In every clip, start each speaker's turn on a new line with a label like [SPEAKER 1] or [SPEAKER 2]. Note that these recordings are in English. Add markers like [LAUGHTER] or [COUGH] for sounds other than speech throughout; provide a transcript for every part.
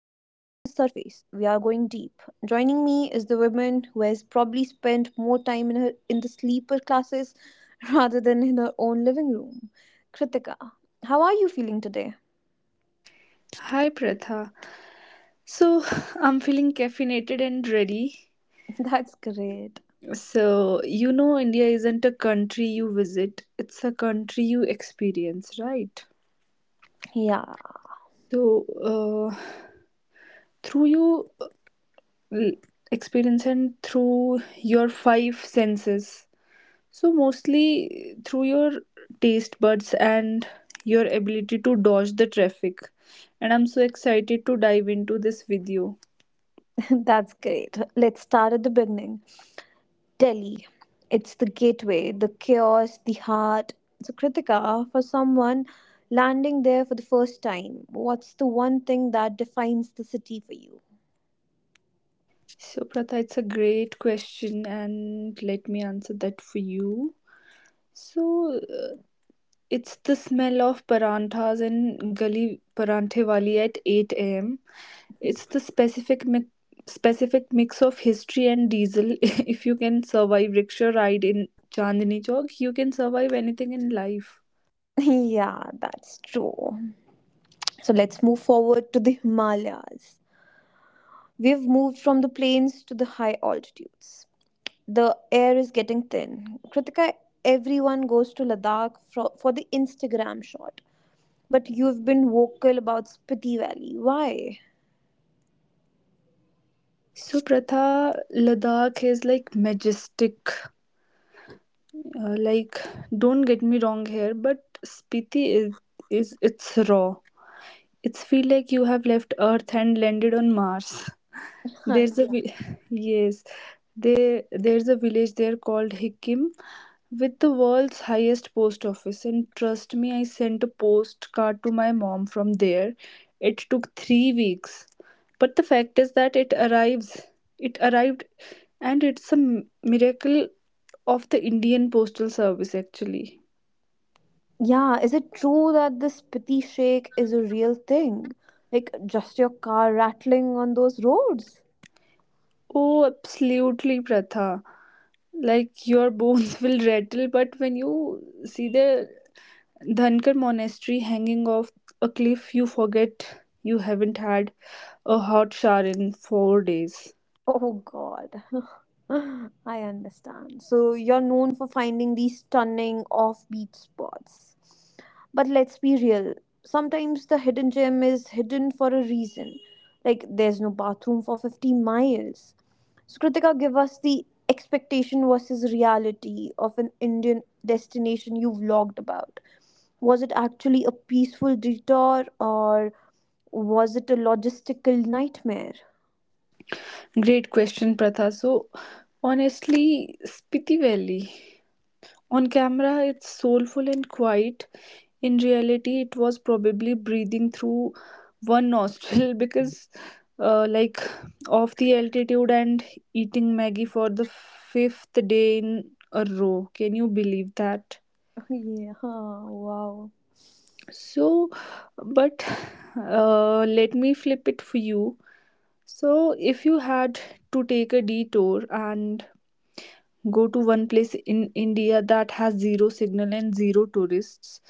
[SPEAKER 1] the surface, we are going deep. Joining me is the woman who has probably spent more time in the sleeper classes [LAUGHS] rather than in her own living room. Kritika, how are you feeling today?
[SPEAKER 2] Hi, Pratha. So, [LAUGHS] I'm feeling caffeinated and ready.
[SPEAKER 1] [LAUGHS] That's great.
[SPEAKER 2] So, you know, India isn't a country you visit, it's a country you experience, right?
[SPEAKER 1] Yeah,
[SPEAKER 2] So, uh, through you l- experience and through your five senses. So, mostly through your taste buds and your ability to dodge the traffic. And I'm so excited to dive into this with you.
[SPEAKER 1] [LAUGHS] that's great. Let's start at the beginning. Delhi. It's the gateway, the chaos, the heart. So, Kritika, for someone landing there for the first time, what's the one thing that defines the city for you?
[SPEAKER 2] So, Pratha, it's a great question, and let me answer that for you. So, it's the smell of paranthas and gali paranthe wali at 8 a.m. It's the specific mix of history and diesel. [LAUGHS] If you can survive rickshaw ride in Chandni Chowk, you can survive anything in life.
[SPEAKER 1] [LAUGHS] Yeah, that's true. So let's move forward to the Himalayas. We've moved from the plains to the high altitudes. The air is getting thin. Kritika, everyone goes to Ladakh for the Instagram shot. But you've been vocal about Spiti Valley. Why?
[SPEAKER 2] So, Pratha, Ladakh is like majestic. Uh, like, don't get me wrong here, but Spiti is it's raw. It's feel like you have left Earth and landed on Mars. There's a
[SPEAKER 1] [LAUGHS]
[SPEAKER 2] [LAUGHS] yes, there's a village there called Hikkim, with the world's highest post office, and trust me, I sent a postcard to my mom from there. It took 3 weeks. But the fact is that it arrived, and it's a miracle of the Indian postal service actually.
[SPEAKER 1] Yeah, is it true that this pity shake is a real thing? Like just your car rattling on those roads?
[SPEAKER 2] Oh, absolutely, Pratha. Like your bones [LAUGHS] will rattle, but when you see the Dhankar monastery hanging off a cliff, you forget you haven't had a hot shower in 4 days.
[SPEAKER 1] Oh god. [LAUGHS] I understand. So you're known for finding these stunning offbeat spots. But let's be real. Sometimes the hidden gem is hidden for a reason. Like there's no bathroom for 50 miles. So Kritika, give us the expectation versus reality of an Indian destination you vlogged about. Was it actually a peaceful detour or was it a logistical nightmare? [LAUGHS]
[SPEAKER 2] Great question, Pratha. So, honestly, Spiti Valley. On camera, it's soulful and quiet. In reality, it was probably breathing through one nostril [LAUGHS] because, uh, like, of the altitude and eating Maggie for the fifth day in a row. Can you believe that?
[SPEAKER 1] Yeah, wow.
[SPEAKER 2] So, but let me flip it for you. So, if you had to take a detour and go to one place in India that has zero signal and zero tourists,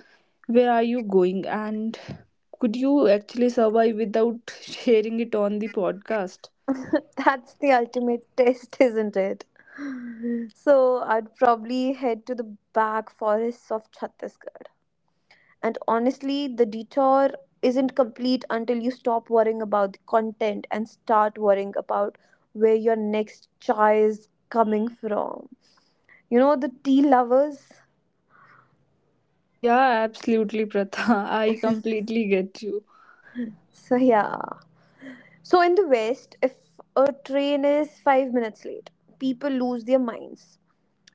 [SPEAKER 2] where are you going? And could you actually survive without [LAUGHS] sharing it on the podcast?
[SPEAKER 1] [LAUGHS] That's the ultimate test, isn't it? So I'd probably head to the back forests of Chhattisgarh. And honestly, the detour isn't complete until you stop worrying about the content and start worrying about where your next chai is coming from. You know, the tea lovers?
[SPEAKER 2] Yeah, absolutely, Pratha. [LAUGHS] I completely get you.
[SPEAKER 1] So, yeah. So, in the West, if a train is 5 minutes late, people lose their minds.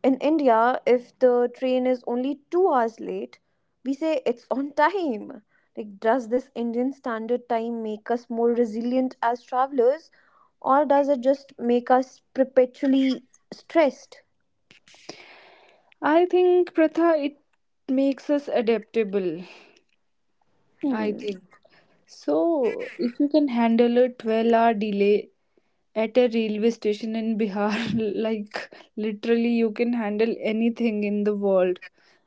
[SPEAKER 1] In India, if the train is only 2 hours late, we say it's [LAUGHS] on time. Like, does this Indian standard time make us more resilient as travelers, or does it just make us perpetually stressed?
[SPEAKER 2] I think, Pratha, it makes us adaptable. I
[SPEAKER 1] Hmm.
[SPEAKER 2] think. So, if you can handle a 12-hour delay at a railway station in Bihar, [LAUGHS] like literally, you can handle anything in the world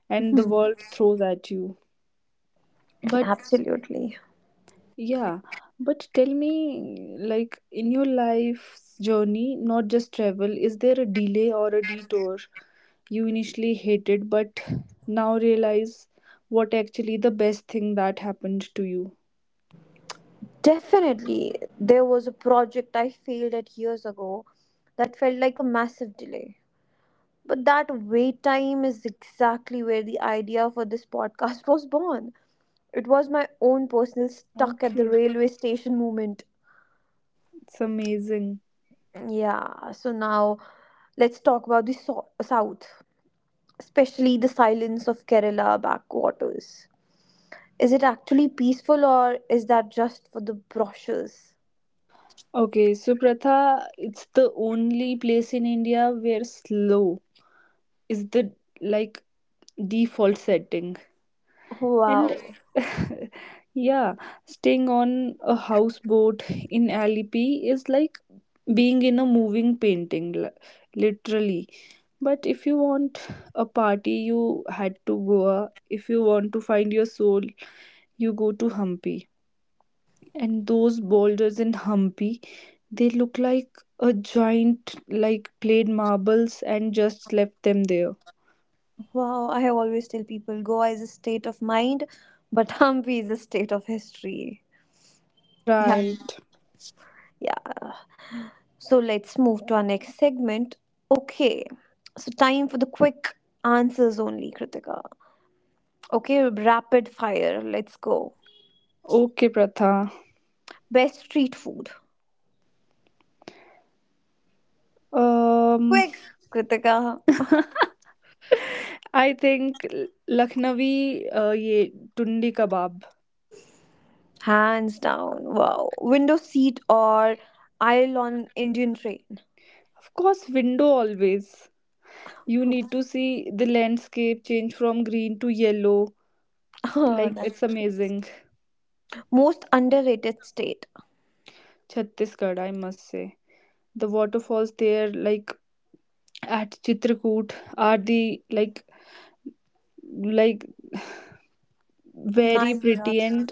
[SPEAKER 2] and the
[SPEAKER 1] Hmm.
[SPEAKER 2] world throws at you. But
[SPEAKER 1] Absolutely.
[SPEAKER 2] yeah, but tell me, like in your life's journey, not just travel, is there a delay or a detour you initially hated but now realize what actually the best thing that happened to you?
[SPEAKER 1] Definitely, there was a project I failed at years ago that felt like a massive delay. But that wait time is exactly where the idea for this [LAUGHS] podcast was born. It was my own personal stuck at the
[SPEAKER 2] Okay,
[SPEAKER 1] railway station moment.
[SPEAKER 2] it's amazing.
[SPEAKER 1] Yeah, so now let's talk about the south, especially the silence of Kerala backwaters. Is it actually peaceful or is that just for the brochures?
[SPEAKER 2] Okay, so Pratha, it's the only place in India where slow is the, like, default setting. And
[SPEAKER 1] Wow.
[SPEAKER 2] [LAUGHS] yeah, staying on a houseboat in alipi is like being in a moving painting, literally. But if you want a party, you had to goa. If you want to find your soul, you go to hampi, and those boulders in hampi, they look like a giant like played marbles and just left them there,
[SPEAKER 1] Wow, I always tell people Goa is a state of mind, but [LAUGHS] Hampi is a state of history. Yeah.
[SPEAKER 2] right?
[SPEAKER 1] Yeah. So let's move to our next segment. Okay. So time for the quick answers only, Kritika. Okay, rapid fire. Let's go.
[SPEAKER 2] Okay, Pratha.
[SPEAKER 1] Best street food.
[SPEAKER 2] Um,
[SPEAKER 1] Quick, Kritika,
[SPEAKER 2] [LAUGHS] I think Lucknowi ye tundi kebab.
[SPEAKER 1] hands down. Wow. Window seat or aisle on Indian train.
[SPEAKER 2] Of course, window always. You need to see the landscape change from green to yellow.
[SPEAKER 1] [LAUGHS] Oh,
[SPEAKER 2] Like
[SPEAKER 1] that's
[SPEAKER 2] it's amazing.
[SPEAKER 1] most underrated state.
[SPEAKER 2] Chhattisgarh, I must say. The waterfalls there, like at Chitrakoot, are the like very
[SPEAKER 1] Nice. Raj.
[SPEAKER 2] pretty and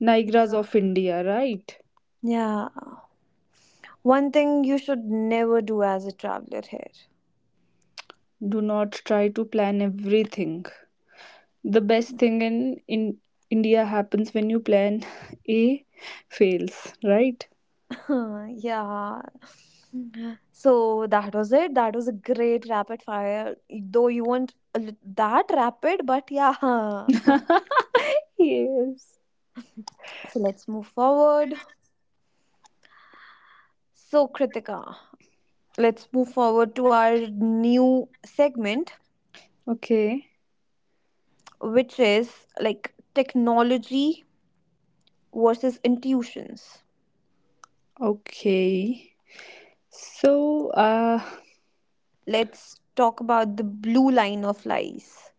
[SPEAKER 2] Niagara's of India, right?
[SPEAKER 1] Yeah. One thing you should never do as a traveler here.
[SPEAKER 2] Do not try to plan everything. The best thing in India happens when you plan [LAUGHS] A fails, right?
[SPEAKER 1] [LAUGHS] Huh, yeah. So that was it. That was a great rapid fire. Though you weren't that rapid, but yeah. [LAUGHS]
[SPEAKER 2] [LAUGHS] Yes.
[SPEAKER 1] So let's move forward. So, Kritika, let's move forward to our new segment,
[SPEAKER 2] Okay.
[SPEAKER 1] which is like technology versus intuitions.
[SPEAKER 2] Okay. So,
[SPEAKER 1] Let's talk about the blue line of lies.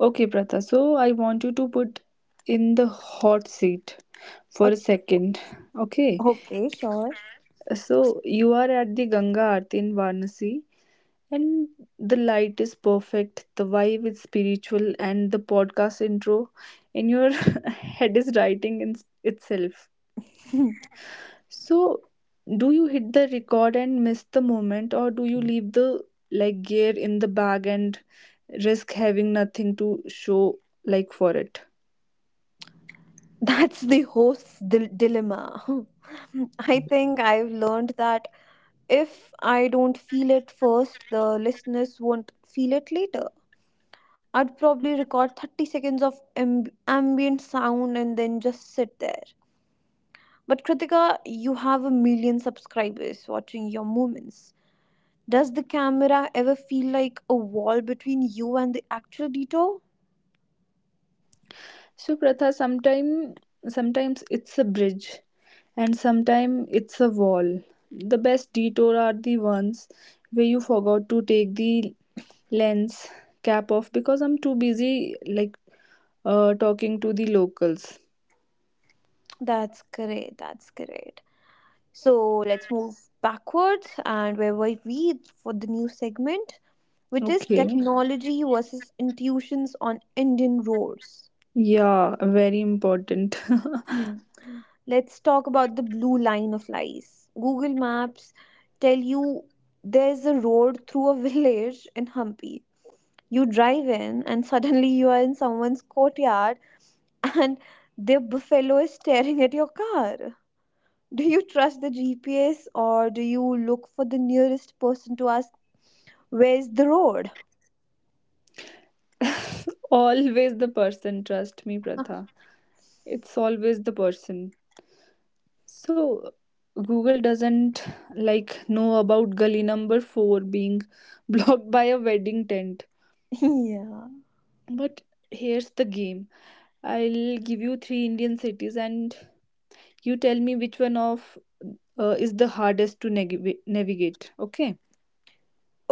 [SPEAKER 2] okay, Pratha. So, I want you to put in the hot seat for a
[SPEAKER 1] O-
[SPEAKER 2] second. Okay.
[SPEAKER 1] Okay, sure.
[SPEAKER 2] So, you are at the Ganga Aarti in Varanasi. And the light is perfect, the vibe is spiritual, and the podcast intro in your [LAUGHS] head is writing in itself. So, do you hit the record and miss the moment, or do you leave the like gear in the bag and risk having nothing to show like for it?
[SPEAKER 1] [LAUGHS] That's the host's dilemma. [LAUGHS] I think I've learned that if I don't feel it first, the listeners won't feel it later. I'd probably record 30 seconds of ambient sound and then just sit there. But Kritika, you have a million subscribers watching your movements. Does the camera ever feel like a wall between you and the actual detour?
[SPEAKER 2] So, Pratha, sometimes it's a bridge, and sometimes it's a wall. The best detour are the ones where you forgot to take the lens cap off because I'm too busy, like, talking to the locals.
[SPEAKER 1] That's great. That's great. So let's move backwards, and where were we, for the new segment, which is
[SPEAKER 2] Okay.
[SPEAKER 1] technology versus intuitions on Indian roads.
[SPEAKER 2] Yeah, very important.
[SPEAKER 1] Hmm. Let's talk about the blue line of lies. Google Maps tell you there's a road through a [LAUGHS] village in Hampi. You drive in, and suddenly you are in someone's courtyard, and their buffalo is staring at your car. Do you trust the gps, or do you look for the nearest person to ask, where's the road?
[SPEAKER 2] [LAUGHS] Always the person, trust me, Pratha. It's always the person. So Google doesn't, like, know about gully number 4 being [LAUGHS] blocked by a wedding tent.
[SPEAKER 1] [LAUGHS] Yeah,
[SPEAKER 2] But here's the game. I'll give you three Indian cities and you tell me which one of is the hardest to navigate, okay,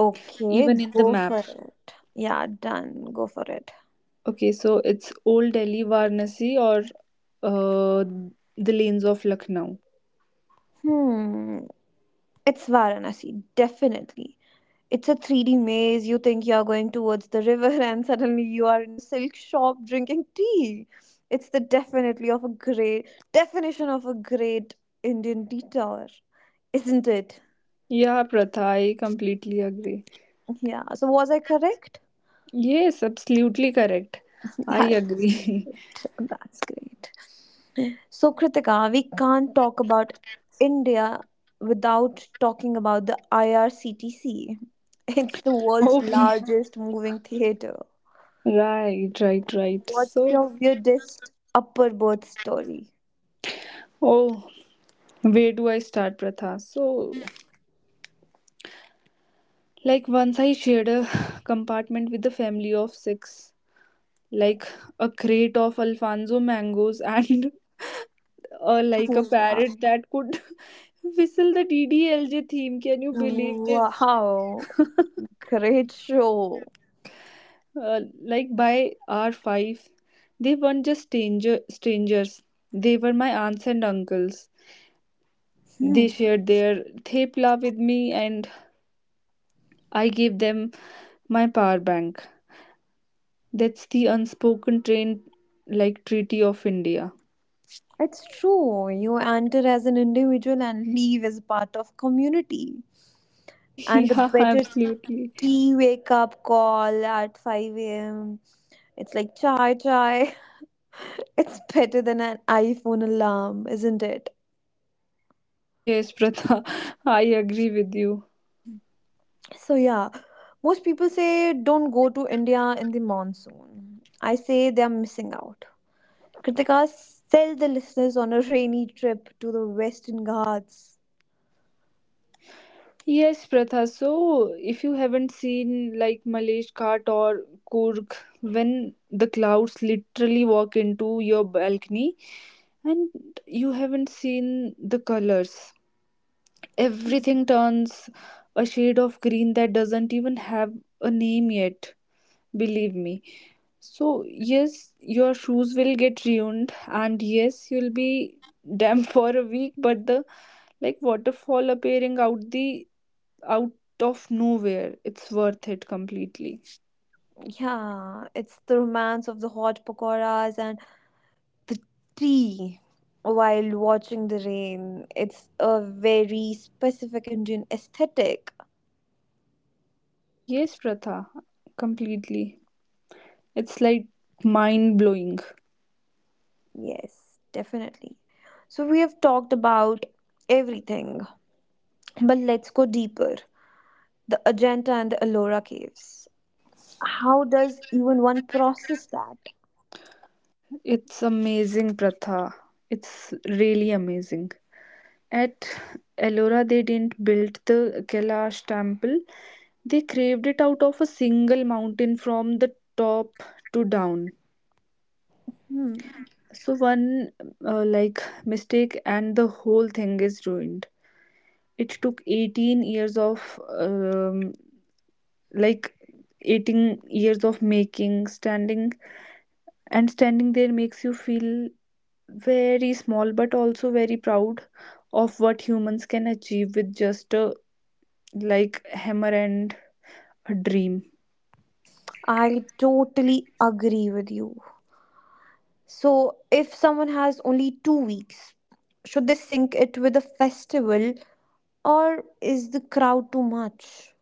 [SPEAKER 1] okay,
[SPEAKER 2] even in the
[SPEAKER 1] go
[SPEAKER 2] map?
[SPEAKER 1] for it. Yeah, done, go for it.
[SPEAKER 2] Okay, so it's old Delhi, Varanasi, or uh, the lanes of Lucknow.
[SPEAKER 1] Hmm, it's Varanasi, definitely. It's a 3D maze. You think you're going towards the river, [LAUGHS] and suddenly you are in a silk shop drinking tea. It's the definitely of a great definition of a great Indian detour, isn't it?
[SPEAKER 2] Yeah, Pratha, I completely agree.
[SPEAKER 1] Yeah. So was I correct?
[SPEAKER 2] Yes, absolutely correct.
[SPEAKER 1] [LAUGHS]
[SPEAKER 2] I
[SPEAKER 1] That,
[SPEAKER 2] agree.
[SPEAKER 1] that's great. So Kritika, we can't talk about India without talking about the IRCTC. [LAUGHS] It's the
[SPEAKER 2] [LAUGHS]
[SPEAKER 1] world's
[SPEAKER 2] Oh yeah.
[SPEAKER 1] largest moving theater.
[SPEAKER 2] Right, right, right.
[SPEAKER 1] What's
[SPEAKER 2] So,
[SPEAKER 1] your weirdest upper berth story?
[SPEAKER 2] oh, where do I start, Pratha? So, like, once I shared a [SIGHS] compartment with the family of six, like a crate of alfonso mangoes [LAUGHS] and like a
[SPEAKER 1] Wow,
[SPEAKER 2] parrot that could [LAUGHS] whistle the DDLJ theme. Can you believe this?
[SPEAKER 1] wow, great show.
[SPEAKER 2] Like by R5, they weren't just strangers, they were my aunts and uncles.
[SPEAKER 1] Hmm.
[SPEAKER 2] They shared their thepla with me, and I gave them my power bank. That's the unspoken train, like, treaty of India.
[SPEAKER 1] It's true. You enter as an individual and leave as part of community.
[SPEAKER 2] [LAUGHS]
[SPEAKER 1] And the
[SPEAKER 2] Yeah,
[SPEAKER 1] better
[SPEAKER 2] absolutely.
[SPEAKER 1] tea wake up call at 5 a.m. It's like chai chai. [LAUGHS] It's better than an iPhone alarm, isn't it?
[SPEAKER 2] Yes, Pratha, [LAUGHS] I agree with you.
[SPEAKER 1] So yeah, most people say don't go to India in the monsoon. I say they are missing out. Kritika, sell the listeners on a rainy trip to the Western Ghats.
[SPEAKER 2] Yes, Pratha. So, if you haven't seen like Malesh Ghat or Kurg, when the clouds literally walk into your balcony and you haven't seen the colors, everything turns a shade of green that doesn't even have a name yet, believe me. So, yes, your shoes will get ruined, and yes, you'll be damp [LAUGHS] for a week, but the like waterfall appearing out of nowhere, it's worth it completely.
[SPEAKER 1] Yeah, it's the romance of the hot pakoras and the tea while watching the rain. It's a very specific Indian aesthetic.
[SPEAKER 2] Yes, Pratha, completely. It's like mind blowing.
[SPEAKER 1] Yes, definitely. So, we have talked about everything, but let's go deeper. The Ajanta and the Ellora caves. How does even one process that?
[SPEAKER 2] It's amazing, Pratha. It's really amazing. At Ellora, they didn't build the Kailash temple, they carved it out of a single mountain from the top to down.
[SPEAKER 1] Hmm.
[SPEAKER 2] So one like mistake and the whole thing is ruined. It took 18 years of like 18 years of making, standing and standing there makes you feel very small but also very proud of what humans can achieve with just a, like, hammer and a dream.
[SPEAKER 1] I totally agree with you. So, if someone has only 2 weeks, should they sync it with a festival or is the crowd too much?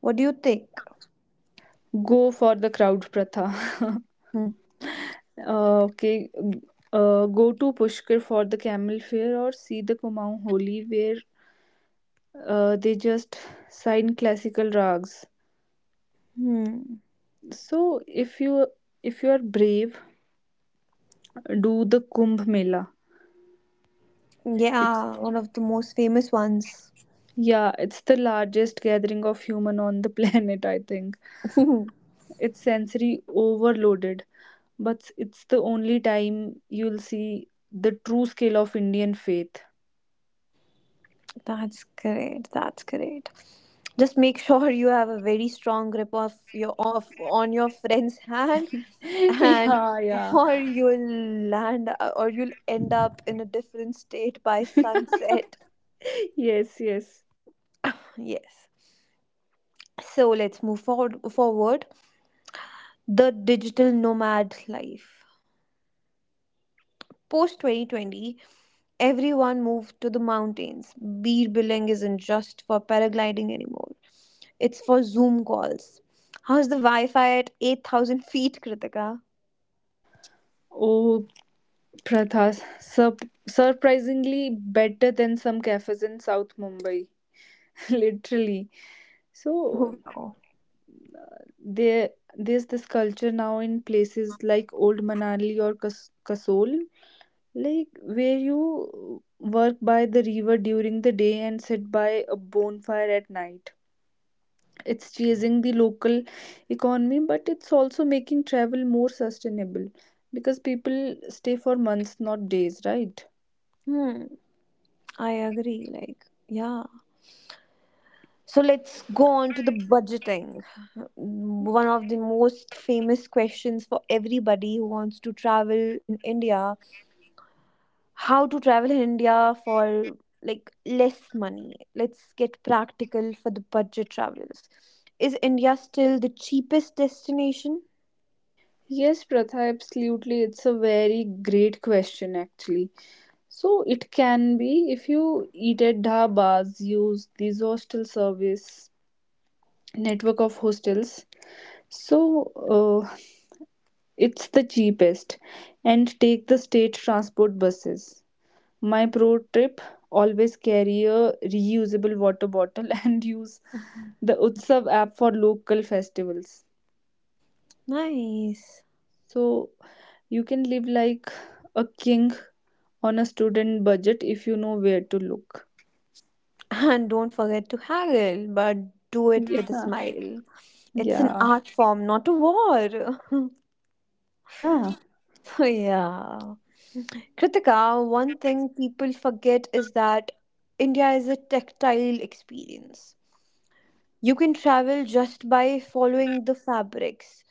[SPEAKER 1] What do you think?
[SPEAKER 2] Go for the crowd, Pratha. [LAUGHS]
[SPEAKER 1] Hmm.
[SPEAKER 2] uh, okay go to Pushkar for the camel fair or see the Kumaon Holi where they just sign classical rags.
[SPEAKER 1] Hmm.
[SPEAKER 2] So if you are brave, do the Kumbh Mela. It's,
[SPEAKER 1] Yeah, one of the most famous ones.
[SPEAKER 2] yeah, it's the largest gathering of human on the [LAUGHS] planet, I think.
[SPEAKER 1] [LAUGHS]
[SPEAKER 2] It's sensory overloaded, but it's the only time you'll see the true scale of Indian faith.
[SPEAKER 1] That's great. That's great. Just make sure you have a very strong grip of your of on your friend's [LAUGHS] hand,
[SPEAKER 2] [LAUGHS]
[SPEAKER 1] and
[SPEAKER 2] Yeah, yeah.
[SPEAKER 1] or you'll land or you'll end up in a different state by
[SPEAKER 2] [LAUGHS]
[SPEAKER 1] sunset.
[SPEAKER 2] Yes, yes.
[SPEAKER 1] Yes. So let's move forward. The digital nomad life. Post 2020, everyone moved to the mountains. Beer billing isn't just for paragliding anymore, it's for Zoom calls. How's the Wi Fi at 8,000 feet, Kritika?
[SPEAKER 2] Oh, Pratha, sur- surprisingly better than some cafes in South Mumbai, [LAUGHS] literally. So
[SPEAKER 1] Wow.
[SPEAKER 2] there, there's this culture now in places like Old Manali or Kasol, like where you work by the river during the day and sit by a bonfire at night. It's chasing the local economy, but it's also making travel more sustainable because people stay for months, not days, right?
[SPEAKER 1] Hmm, I agree. Like, yeah. So let's go on to the budgeting. One of the most famous questions for everybody who wants to travel in India, how to travel in India for like less money. Let's get practical for the budget travelers. Is India still the cheapest destination?
[SPEAKER 2] Yes, Pratha, absolutely. It's a very great question, actually. So it can be if you eat at dhabas, use these hostel service network of hostels. So, uh, it's the cheapest, and take the state transport buses. My pro tip, always carry a reusable water bottle [LAUGHS] and use the Utsav app for local festivals.
[SPEAKER 1] Nice.
[SPEAKER 2] So you can live like a king on a student budget if you know where to look.
[SPEAKER 1] [LAUGHS] And don't forget to haggle, but do it with a
[SPEAKER 2] Yeah.
[SPEAKER 1] smile. It's an
[SPEAKER 2] Yeah.
[SPEAKER 1] art form, not a war. [LAUGHS]
[SPEAKER 2] Yeah.
[SPEAKER 1] So, yeah. Kritika, one thing people forget is that India is a tactile experience. You can travel just by following the fabrics.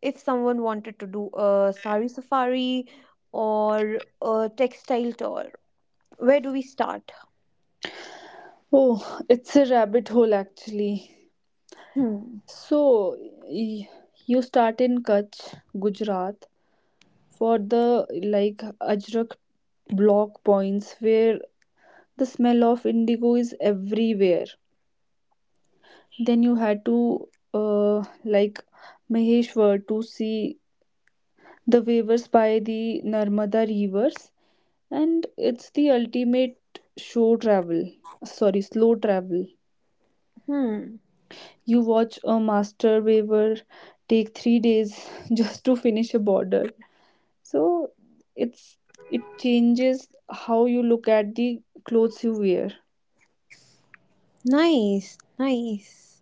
[SPEAKER 1] If someone wanted to do a sari safari or a textile tour, where do we start?
[SPEAKER 2] Oh, it's a rabbit hole actually.
[SPEAKER 1] Hmm.
[SPEAKER 2] So y- you start in Kutch, Gujarat, for the, like, Ajrak block points where the smell of indigo is everywhere. Then you had to, Maheshwar, to see the waivers by the Narmada rivers, and it's the ultimate show travel. Sorry, slow travel.
[SPEAKER 1] Hmm.
[SPEAKER 2] You watch a master waiver take 3 days [LAUGHS] just to finish a border. So it's it changes how you look at the clothes you wear.
[SPEAKER 1] Nice. Nice.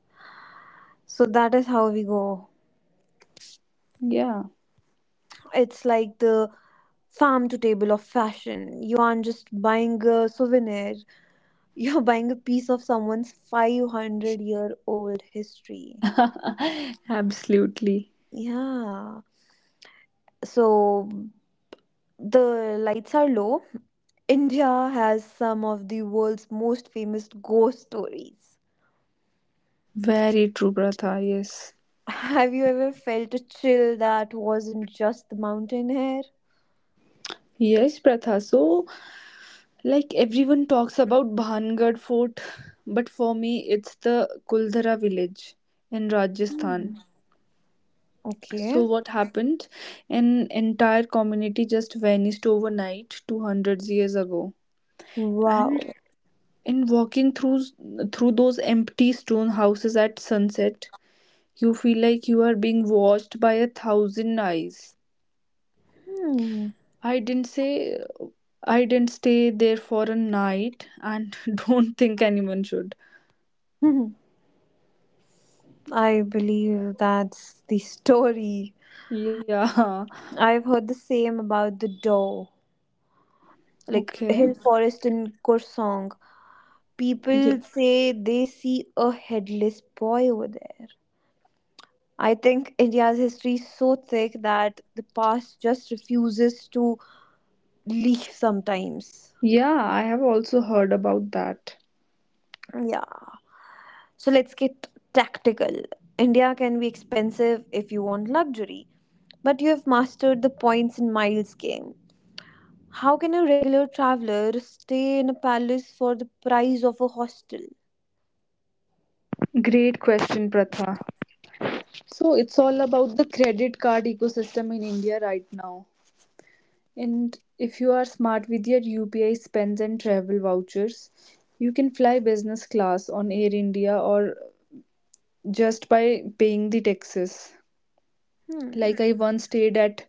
[SPEAKER 1] So that is how we go.
[SPEAKER 2] Yeah.
[SPEAKER 1] It's like the farm to table of fashion. You aren't just buying a souvenir, [LAUGHS] you're buying a piece of someone's 500-year-old history.
[SPEAKER 2] [LAUGHS] Absolutely.
[SPEAKER 1] Yeah. So the lights are low. India has some of the world's most famous ghost stories.
[SPEAKER 2] Very true, Pratha. Yes.
[SPEAKER 1] [LAUGHS] Have you ever felt a chill that wasn't just the mountain air?
[SPEAKER 2] Yes, Pratha. So, like, everyone talks about Bhangad Fort, but for me, it's the Kuldhara village in Rajasthan.
[SPEAKER 1] Hmm. Okay.
[SPEAKER 2] So, what happened? An entire community just vanished overnight 200 years ago.
[SPEAKER 1] Wow.
[SPEAKER 2] And walking through those empty stone houses at sunset, you feel like you are being watched by a thousand eyes.
[SPEAKER 1] Hmm.
[SPEAKER 2] I didn't say I didn't stay there for a night, and [LAUGHS] don't think anyone should.
[SPEAKER 1] [LAUGHS] I believe that's the story.
[SPEAKER 2] Yeah.
[SPEAKER 1] I've heard the same about the door, like a
[SPEAKER 2] Okay.
[SPEAKER 1] hill forest in Korsong.
[SPEAKER 2] Yeah.
[SPEAKER 1] People say they see a headless boy over there. I think India's history is so thick that the past just refuses to leave sometimes.
[SPEAKER 2] Yeah, I have also heard about that.
[SPEAKER 1] Yeah. So let's get tactical. India can be expensive if you want luxury, but you have mastered the points and miles game. How can a regular traveler stay in a palace for the price of a hostel?
[SPEAKER 2] Great question, Pratha. So it's all about the credit card ecosystem in India right now. And if you are smart with your UPI spends and travel vouchers, you can fly business class on Air India or just by paying the taxes.
[SPEAKER 1] Hmm.
[SPEAKER 2] Like I once stayed at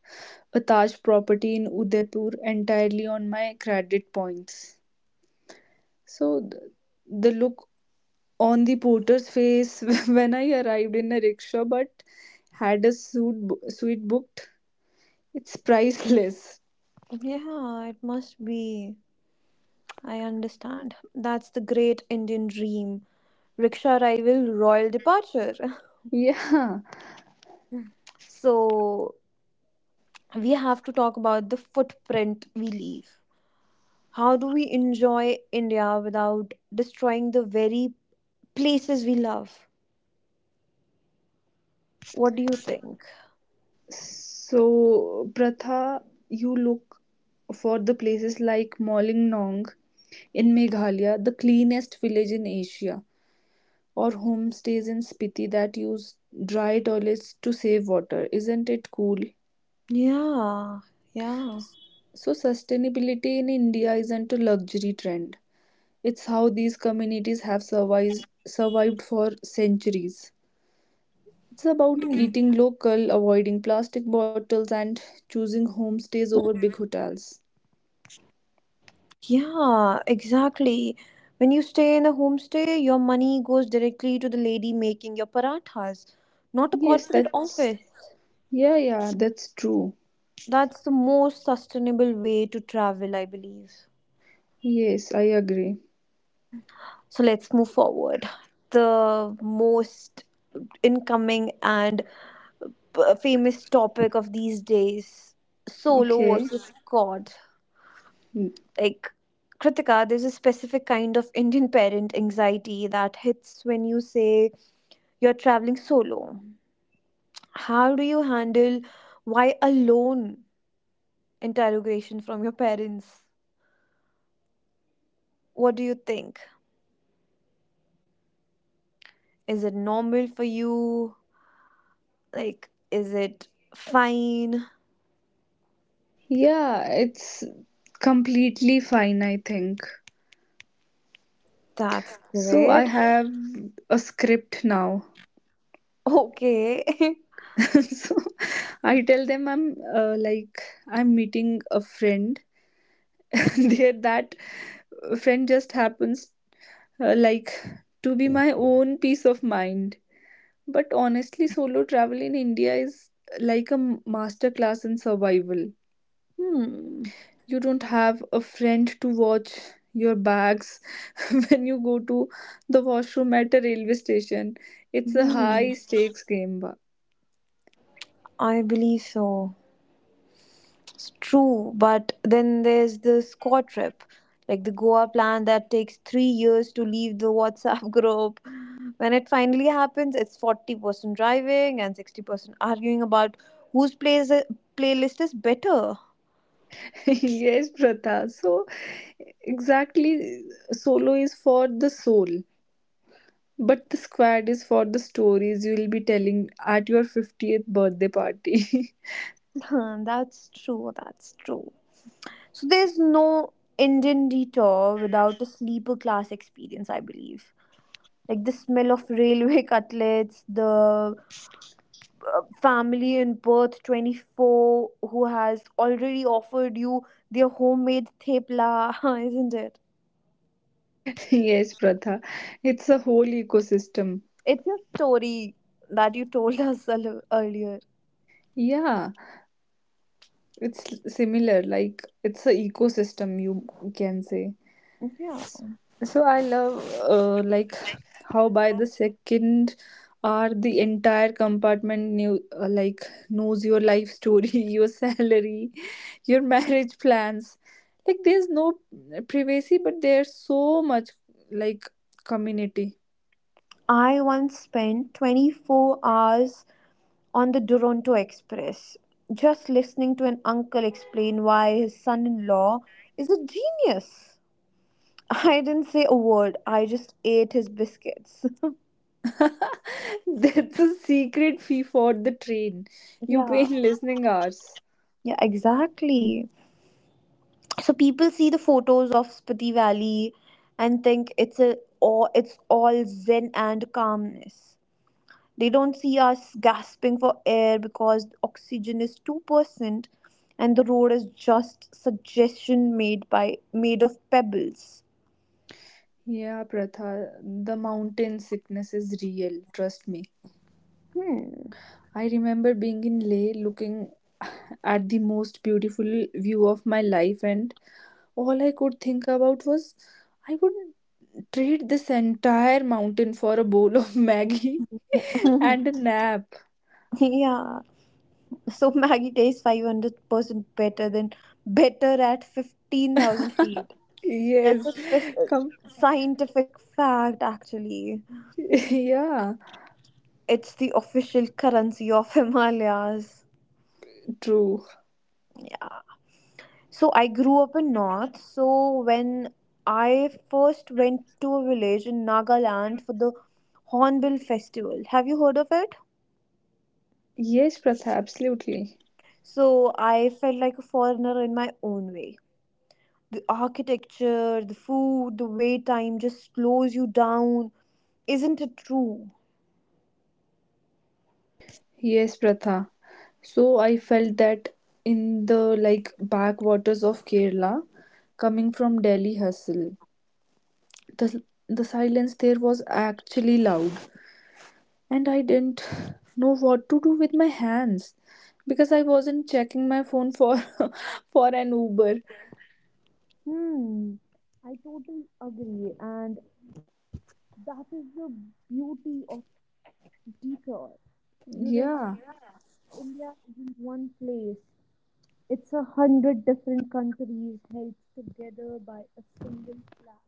[SPEAKER 2] a Taj property in Udaipur entirely on my credit points. So the look on the porter's face [LAUGHS] when I arrived in a rickshaw but had a suite booked, it's priceless. [LAUGHS]
[SPEAKER 1] Yeah, it must be. I understand. That's the great Indian dream. Rickshaw arrival, royal departure. [LAUGHS]
[SPEAKER 2] Yeah.
[SPEAKER 1] So we have to talk about the footprint we leave. How do we enjoy India without destroying the very places we love? What do you think?
[SPEAKER 2] So, Pratha, you look for the places like Molingnong in Meghalaya, the cleanest village in Asia, or homestays in Spiti that use dry toilets to save water. Isn't it cool?
[SPEAKER 1] Yeah, yeah.
[SPEAKER 2] So, sustainability in India isn't a luxury trend. It's how these communities have survived for centuries. It's about
[SPEAKER 1] Hmm.
[SPEAKER 2] eating local, avoiding plastic bottles, and choosing homestays over big hotels.
[SPEAKER 1] Yeah, exactly. When you stay in a homestay, your money goes directly to the lady making your parathas, not a
[SPEAKER 2] Yes,
[SPEAKER 1] corporate
[SPEAKER 2] that's,
[SPEAKER 1] office.
[SPEAKER 2] yeah, yeah, that's true.
[SPEAKER 1] That's the most sustainable way to travel, I believe.
[SPEAKER 2] Yes, I agree.
[SPEAKER 1] So let's move forward. The most incoming and famous topic of these days, solo
[SPEAKER 2] Okay.
[SPEAKER 1] versus squad.
[SPEAKER 2] Mm.
[SPEAKER 1] Like, Kritika, there's a specific kind of Indian parent anxiety that hits when you say you're traveling solo. How do you handle why alone interrogation from your parents? What do you think? Is it normal for you? Like, is it fine?
[SPEAKER 2] Yeah, it's completely fine, I think.
[SPEAKER 1] That's
[SPEAKER 2] So I
[SPEAKER 1] great.
[SPEAKER 2] have a script now.
[SPEAKER 1] Okay. [LAUGHS]
[SPEAKER 2] [LAUGHS] So I tell them I'm, I'm meeting a friend. [LAUGHS] There that friend just happens, uh, like to be my own peace of mind. But honestly, solo travel in India is like a master class in survival.
[SPEAKER 1] Hmm.
[SPEAKER 2] You don't have a friend to watch your bags [LAUGHS] when you go to the washroom at a railway station. It's a
[SPEAKER 1] Hmm.
[SPEAKER 2] high stakes game. Ba.
[SPEAKER 1] I believe so. It's true. But then there's the Scott trip, like the Goa plan that takes 3 years to leave the WhatsApp [LAUGHS] group. When it finally happens, it's 40% driving and 60% arguing about whose plays playlist is better. [LAUGHS]
[SPEAKER 2] [LAUGHS] Yes, Pratha. So, exactly, solo is for the soul, but the squad is for the stories you will be telling at your 50th birthday party.
[SPEAKER 1] Huh, that's true. That's true. So there's no Indian detour without a sleeper class experience, I believe. Like the smell of railway [LAUGHS] cutlets, the family in birth 24 who has already offered you their homemade thepla. [LAUGHS] Isn't it?
[SPEAKER 2] [LAUGHS] Yes, Pratha. It's a whole ecosystem.
[SPEAKER 1] It's your story that you told [LAUGHS] us a little earlier.
[SPEAKER 2] Yeah, it's similar. Like, it's a ecosystem, you can say.
[SPEAKER 1] Yeah,
[SPEAKER 2] So I love, how by the second hour the entire compartment knew like knows your life story, [LAUGHS] your salary, your marriage plans. Like there's no privacy, but there's so much, like, community.
[SPEAKER 1] I once spent 24 hours on the Toronto Express, just listening to an uncle explain why his son in law is a genius. [LAUGHS] I didn't say a word, I just ate his biscuits.
[SPEAKER 2] [LAUGHS] That's a secret fee for the train.
[SPEAKER 1] [LAUGHS]
[SPEAKER 2] You pay
[SPEAKER 1] Yeah.
[SPEAKER 2] in listening hours.
[SPEAKER 1] Yeah, exactly. So people see the photos of Spiti Valley and think it's all zen and calmness. They don't see us gasping for air because oxygen is 2% and the road is just suggestion made of pebbles.
[SPEAKER 2] Yeah, Pratha, the mountain sickness is real. Trust me.
[SPEAKER 1] Hmm.
[SPEAKER 2] I remember being in Leh looking at the most beautiful view of my life, and all I could think about was I would trade this entire mountain for a bowl of [LAUGHS] Maggie and a
[SPEAKER 1] [LAUGHS]
[SPEAKER 2] nap.
[SPEAKER 1] Yeah. So Maggie tastes 500% better at 15,000 feet. That's
[SPEAKER 2] Yes.
[SPEAKER 1] a
[SPEAKER 2] Come.
[SPEAKER 1] scientific fact actually.
[SPEAKER 2] [LAUGHS] Yeah.
[SPEAKER 1] It's the official currency of [LAUGHS] Himalayas.
[SPEAKER 2] True.
[SPEAKER 1] Yeah. So I grew up in north. So when I first went to a village in Nagaland for the Hornbill Festival. Have you heard of it?
[SPEAKER 2] Yes, Pratha, absolutely.
[SPEAKER 1] So I felt like a foreigner in my own way. The architecture, the food, the wait time just slows you down. Isn't it true?
[SPEAKER 2] Yes, Pratha. So I felt that in the, like, backwaters of Kerala, coming from Delhi hustle, the the silence there was actually loud, and I didn't [LAUGHS] know what to do with my hands because I wasn't checking my phone for [LAUGHS] for an Uber.
[SPEAKER 1] Hmm. I totally agree. And that is the beauty of detour. You realize
[SPEAKER 2] Yeah.
[SPEAKER 1] India isn't one place. It's 100 different countries held together by a single flag.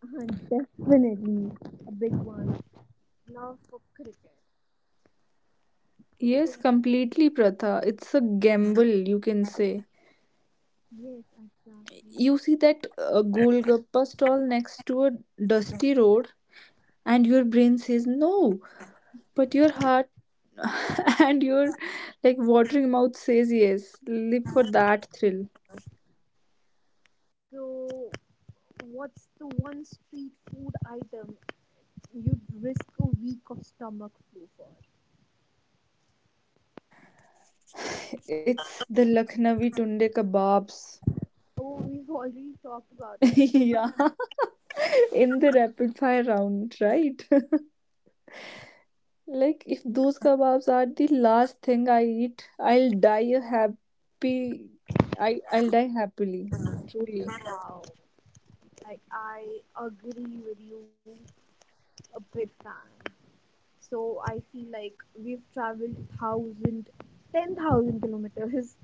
[SPEAKER 1] [LAUGHS] And definitely a big one. Love for cricket. So
[SPEAKER 2] Yes, completely, Pratha. It's a gamble, you can say.
[SPEAKER 1] yes, exactly.
[SPEAKER 2] You see that, Golgappa stall next to a dusty road, and your brain says no, but your heart [LAUGHS] and your, like, watering mouth says yes. Live for that thrill.
[SPEAKER 1] So what's the one street food item you'd risk a week of stomach flu for?
[SPEAKER 2] It's the Lucknowi tunde kebabs.
[SPEAKER 1] Oh, we've already talked about that.
[SPEAKER 2] [LAUGHS] Yeah. In the rapid fire round, right? [LAUGHS] Like if those kebabs are the last thing I eat, I'll die a happy. I'll die happily. Truly.
[SPEAKER 1] Wow. Like I agree with you, a big fan. So I feel like we've traveled 10,000 kilometers,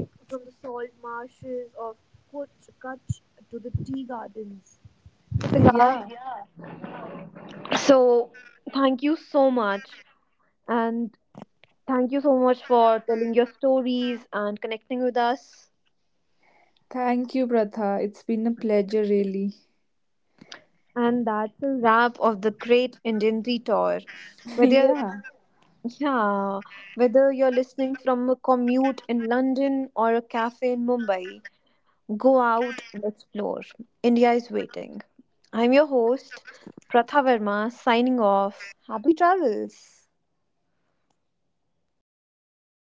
[SPEAKER 1] like from the salt marshes of Koch, Kutch to the tea gardens.
[SPEAKER 2] [LAUGHS]
[SPEAKER 1] Ritika,
[SPEAKER 2] Yeah.
[SPEAKER 1] so thank you so much, and thank you so much for telling your stories and connecting with us.
[SPEAKER 2] Thank you, Pratha. It's been a pleasure, really.
[SPEAKER 1] And that's a wrap of the Great Indian Detour.
[SPEAKER 2] [LAUGHS]
[SPEAKER 1] Whether
[SPEAKER 2] Yeah.
[SPEAKER 1] yeah, whether you're listening from a commute in London or a cafe in Mumbai, go out and explore. India is waiting. I'm your host, Pratha Verma, signing off. Happy travels.